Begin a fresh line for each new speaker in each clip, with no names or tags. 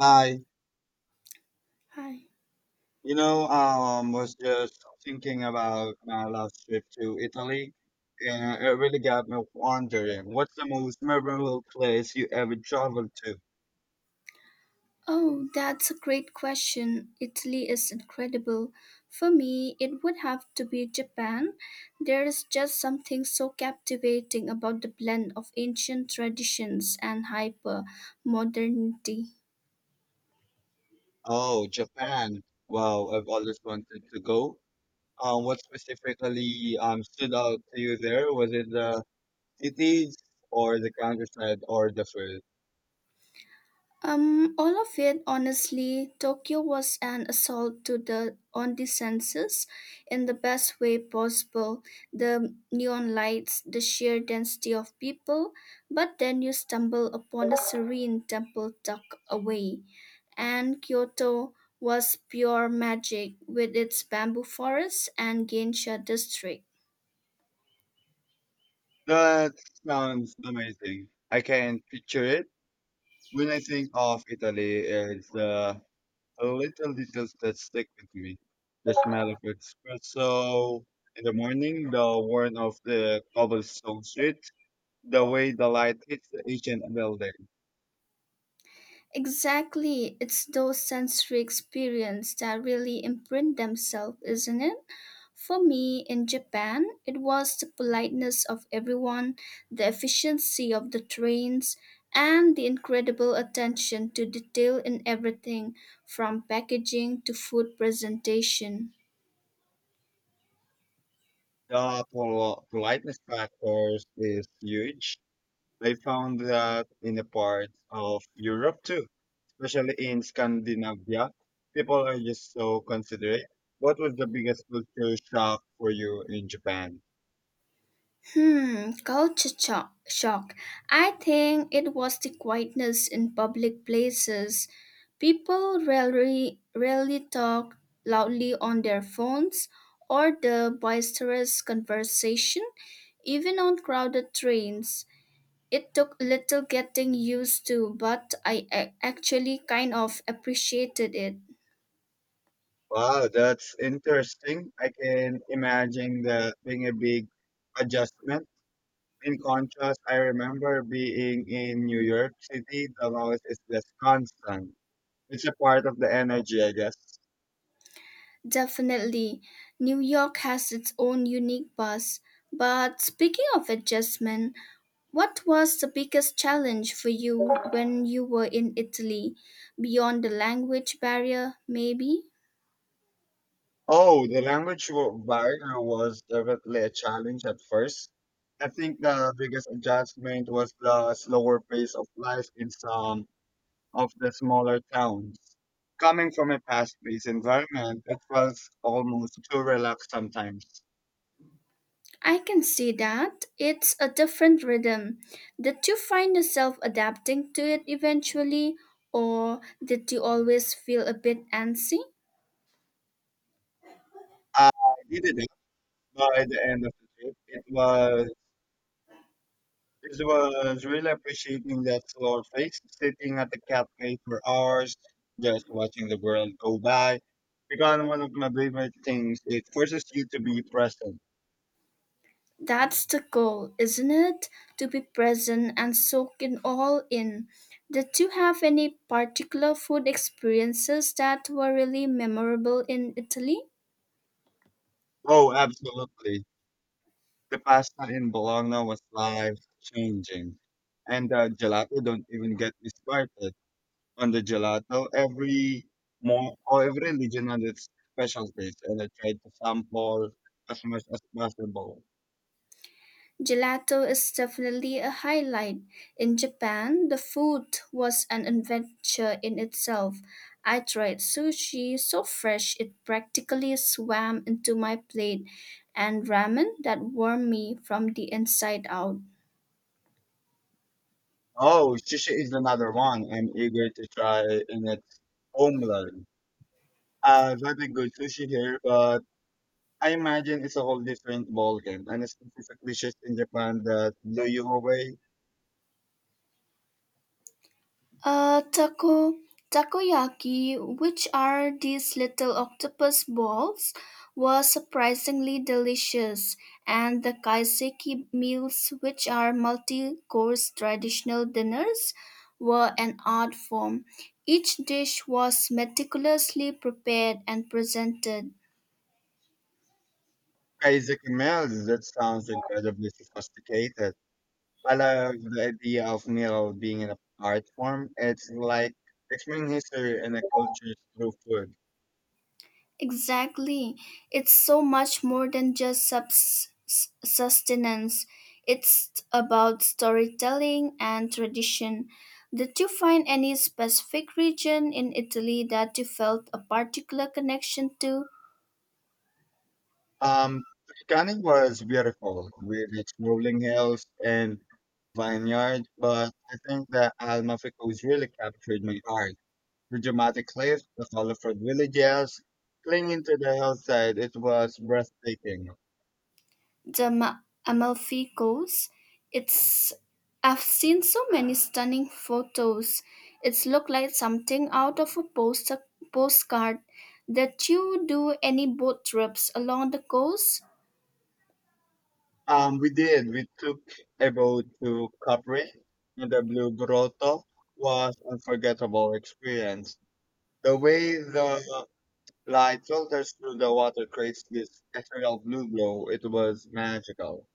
Hi,
Hi.
was just thinking about my last trip to Italy, and it really got me wondering, what's the most memorable place you ever traveled to?
Oh, that's a great question. Italy is incredible. For me, it would have to be Japan. There is just something so captivating about the blend of ancient traditions and hyper modernity.
Oh, Japan. Wow, I've always wanted to go. What specifically stood out to you there? Was it the cities or the countryside or the food?
All of it, honestly. Tokyo was an assault to the on the senses in the best way possible. The neon lights, the sheer density of people, but then you stumble upon a serene temple tucked away. And Kyoto was pure magic with its bamboo forests and geisha district.
That sounds amazing. I can picture it. When I think of Italy, it's the little details that stick with me. The smell of espresso in the morning, the warmth of the cobblestone street, the way the light hits the ancient building.
Exactly, it's those sensory experiences that really imprint themselves, isn't it? For me, in Japan, it was the politeness of everyone, the efficiency of the trains, and the incredible attention to detail in everything from packaging to food presentation.
The politeness factors is huge. I found that in the parts of Europe too, especially in Scandinavia, people are just so considerate. What was the biggest culture shock for you in Japan?
Shock. I think it was the quietness in public places. People rarely talk loudly on their phones or the boisterous conversation, even on crowded trains. It took little getting used to, but I actually kind of appreciated it.
Wow, that's interesting. I can imagine that being a big adjustment. In contrast, I remember being in New York City. The noise is just constant. It's a part of the energy, I guess.
Definitely, New York has its own unique buzz. But speaking of adjustment, what was the biggest challenge for you when you were in Italy? Beyond the language barrier, maybe?
Oh, the language barrier was definitely a challenge at first. I think the biggest adjustment was the slower pace of life in some of the smaller towns. Coming from a fast paced environment, it felt almost too relaxed sometimes.
I can see that. It's a different rhythm. Did you find yourself adapting to it eventually, or did you always feel a bit antsy?
I did it by the end of the trip. It was really appreciating that slower pace, sitting at the cafe for hours, just watching the world go by. Because one of my favorite things, it forces you to be present.
That's the goal, isn't it? To be present and soak it all in. Did you have any particular food experiences that were really memorable in Italy?
Oh, absolutely. The pasta in Bologna was life changing. And the gelato, don't even get me started. On the gelato. Every more or every religion has its special taste, and I try to sample as much as possible.
Gelato is definitely a highlight. In Japan, the food was an adventure in itself. I tried sushi so fresh it practically swam into my plate, and ramen that warmed me from the inside out.
Oh, sushi is another one I'm eager to try in its homeland. I've had a good sushi here, but I imagine it's a whole different ballgame, and it's specifically dishes in Japan that blow you away.
Taco Takoyaki, which are these little octopus balls, was surprisingly delicious, and the kaiseki meals, which are multi-course traditional dinners, were an art form. Each dish was meticulously prepared and presented.
Kaiseki meals, that sounds incredibly sophisticated. I love the idea of meal being an art form. It's like explaining history and the culture through food.
Exactly. It's so much more than just sustenance. It's about storytelling and tradition. Did you find any specific region in Italy that you felt a particular connection to?
Um, Tuscany was beautiful with its rolling hills and vineyard, but I think that Almafico's really captured my heart. The dramatic cliffs, the colorful villages, clinging to the hillside, it was breathtaking.
The Amalfi Coast. It's I've seen so many stunning photos. It's looked like something out of a poster postcard. Did you do any boat trips along the coast?
We did. We took a boat to Capri, and the Blue Grotto was unforgettable experience. The way the light filters through the water creates this ethereal blue glow. It was magical.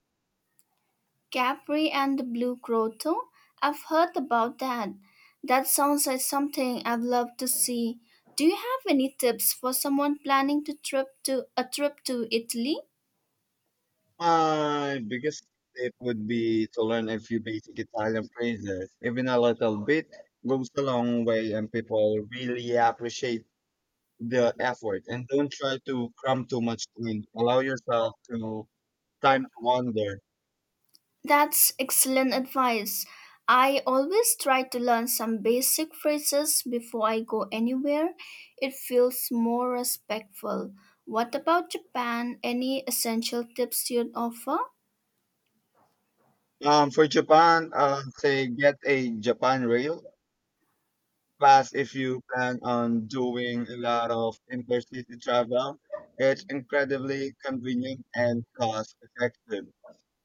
Capri and the Blue Grotto? I've heard about that. That sounds like something I'd love to see. Do you have any tips for someone planning to trip to a trip to Italy?
My biggest tip would be to learn a few basic Italian phrases. Even a little bit goes a long way, and people really appreciate the effort. And don't try to cram too much in. Allow yourself to time to wander.
That's excellent advice. I always try to learn some basic phrases before I go anywhere. It feels more respectful. What about Japan? Any essential tips you'd offer?
For Japan, say get a Japan Rail Pass if you plan on doing a lot of intercity travel. It's incredibly convenient and cost effective.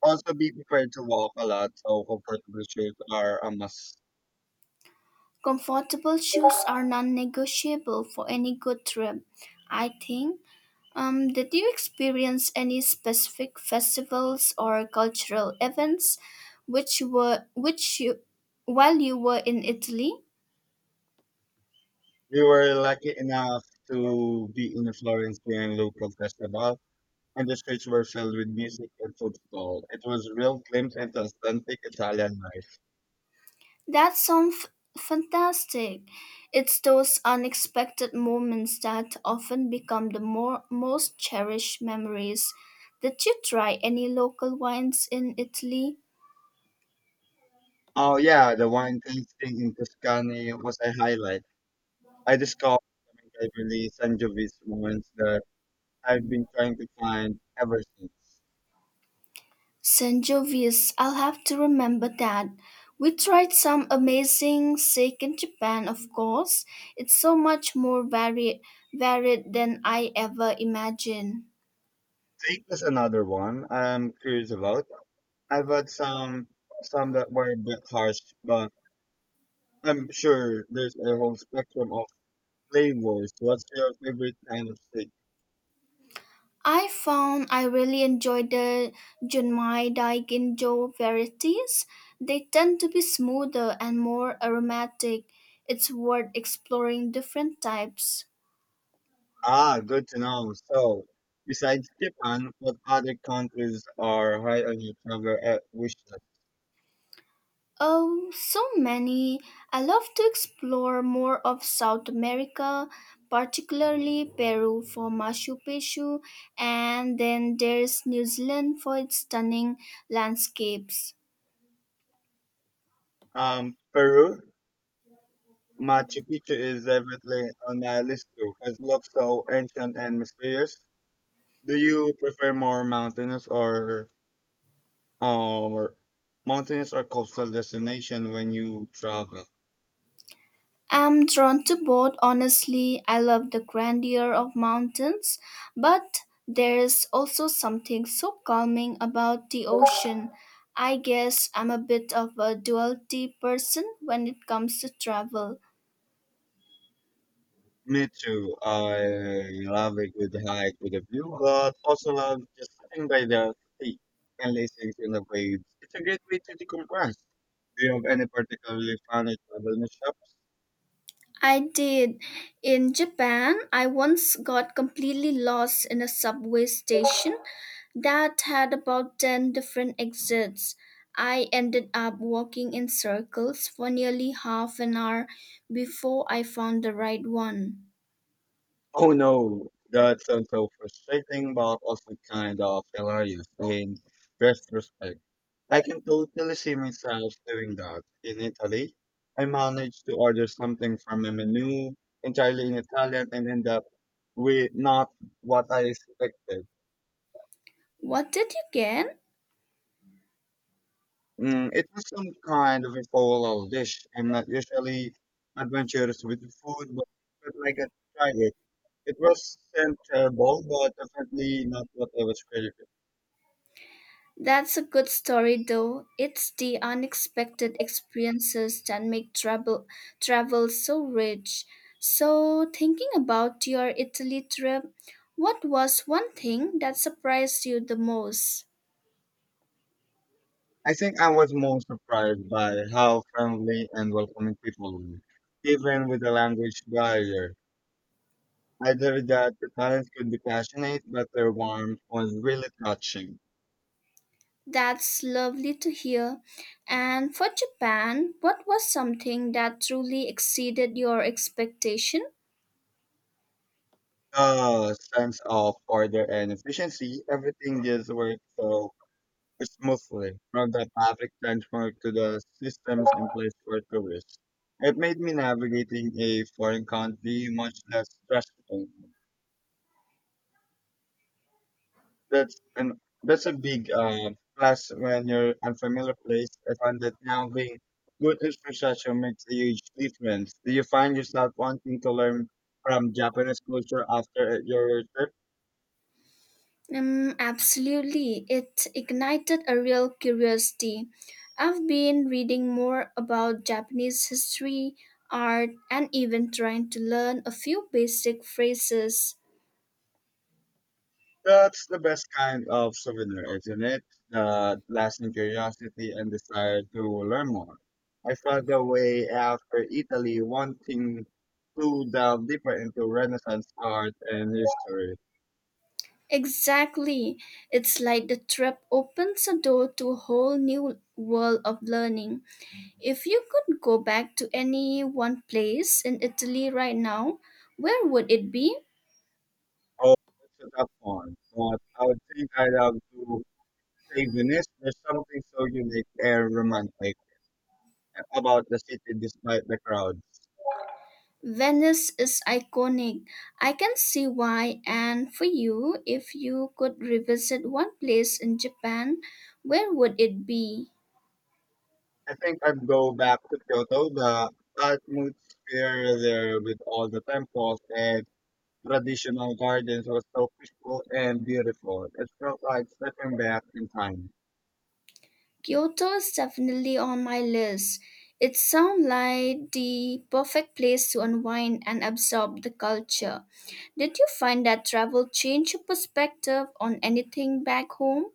Also, be prepared to walk a lot, so comfortable shoes are a must.
Comfortable shoes are non-negotiable for any good trip, I think. Did you experience any specific festivals or cultural events which were which you, while you were in Italy?
We were lucky enough to be in Florence during local festival, and the streets were filled with music and food football. It was a real glimpse into authentic Italian life.
That sounds fantastic. It's those unexpected moments that often become most cherished memories. Did you try any local wines in Italy?
Oh yeah, the wine tasting in Tuscany was a highlight. I discovered Cabernet Sangiovese wines that I've been trying to find ever since.
Sangiovese, I'll have to remember that. We tried some amazing steak in Japan, of course. It's so much more varied than I ever imagined.
Take us another one I'm curious about. I've had some that were a bit harsh, but I'm sure there's a whole spectrum of flavors. What's your favorite kind of steak?
I found I really enjoyed the Junmai Daikinjo varieties. They tend to be smoother and more aromatic. It's worth exploring different types.
Ah, good to know. So, besides Japan, what other countries are high on your travel wish list?
Oh, so many. I love to explore more of South America, particularly Peru for Machu Picchu, and then there's New Zealand for its stunning landscapes.
Peru Machu Picchu is definitely on my list too, 'cause it looks so ancient and mysterious. Do you prefer more mountainous or um, or coastal destination when you travel?
I'm drawn to both, honestly. I love the grandeur of mountains, but there's also something so calming about the ocean. I guess I'm a bit of a duality person when it comes to travel.
Me too. I love a good hike with a view, but also love just sitting by the sea and listening to the waves. It's a great way to decompress. Do you have any particularly funny travel mishaps?
I did. In Japan, I once got completely lost in a subway station that had about 10 different exits. I ended up walking in circles for nearly half an hour before I found the right one.
Oh no, that sounds so frustrating, but also kind of hilarious in retrospect. I can totally see myself doing that. In Italy, I managed to order something from a menu entirely in Italian and end up with not what I expected.
What did you get?
It was some kind of a fall dish. I'm not usually adventurous with food, but I got to try it. It was sent terrible, but definitely not what I was craving.
That's a good story, though. It's the unexpected experiences that make travel so rich. So, thinking about your Italy trip, what was one thing that surprised you the most?
I think I was more surprised by how friendly and welcoming people were, even with the language barrier. I gathered that the parents could be passionate, but their warmth was really touching.
That's lovely to hear. And for Japan, what was something that truly exceeded your expectation?
The sense of order and efficiency, everything just worked so smoothly, from the public transport to the systems in place for tourists. It made me navigating a foreign country much less stressful. That's a big plus when you're unfamiliar place. I find that now being good infrastructure makes a huge difference. Do you find yourself wanting to learn from Japanese culture after your trip?
Absolutely. It ignited a real curiosity. I've been reading more about Japanese history, art, and even trying to learn a few basic phrases.
That's the best kind of souvenir, isn't it? The lasting curiosity and desire to learn more. I felt the way after Italy, wanting to delve deeper into Renaissance art and history.
Exactly. It's like the trip opens a door to a whole new world of learning. If you could go back to any one place in Italy right now, where would it be?
Oh, that's a tough one. But I would think I'd have to say Venice. There's something so unique and romantic about the city despite the crowds.
Venice is iconic. I can see why. And for you, if you could revisit one place in Japan, where would it be?
I think I'd go back to Kyoto, the atmosphere there with all the temples and traditional gardens was so peaceful and beautiful. It felt like stepping back in time.
Kyoto is definitely on my list. It sounds like the perfect place to unwind and absorb the culture. Did you find that travel changed your perspective on anything back home?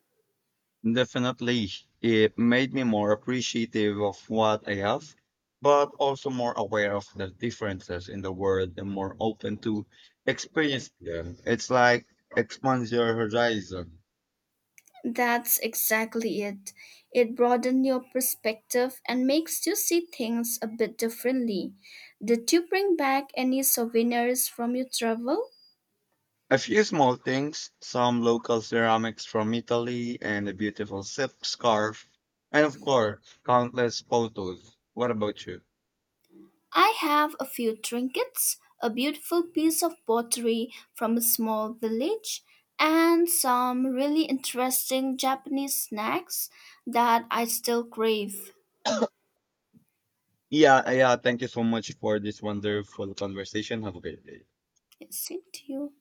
Definitely, it made me more appreciative of what I have, but also more aware of the differences in the world and more open to experience them. It's like expands your horizon.
That's exactly it. It broadens your perspective and makes you see things a bit differently. Did you bring back any souvenirs from your travel?
A few small things, some local ceramics from Italy and a beautiful silk scarf, and of course, countless photos. What about you?
I have a few trinkets, a beautiful piece of pottery from a small village, and some really interesting Japanese snacks that I still crave.
Yeah, yeah, thank you so much for this wonderful conversation. Have a great day.
Same to you.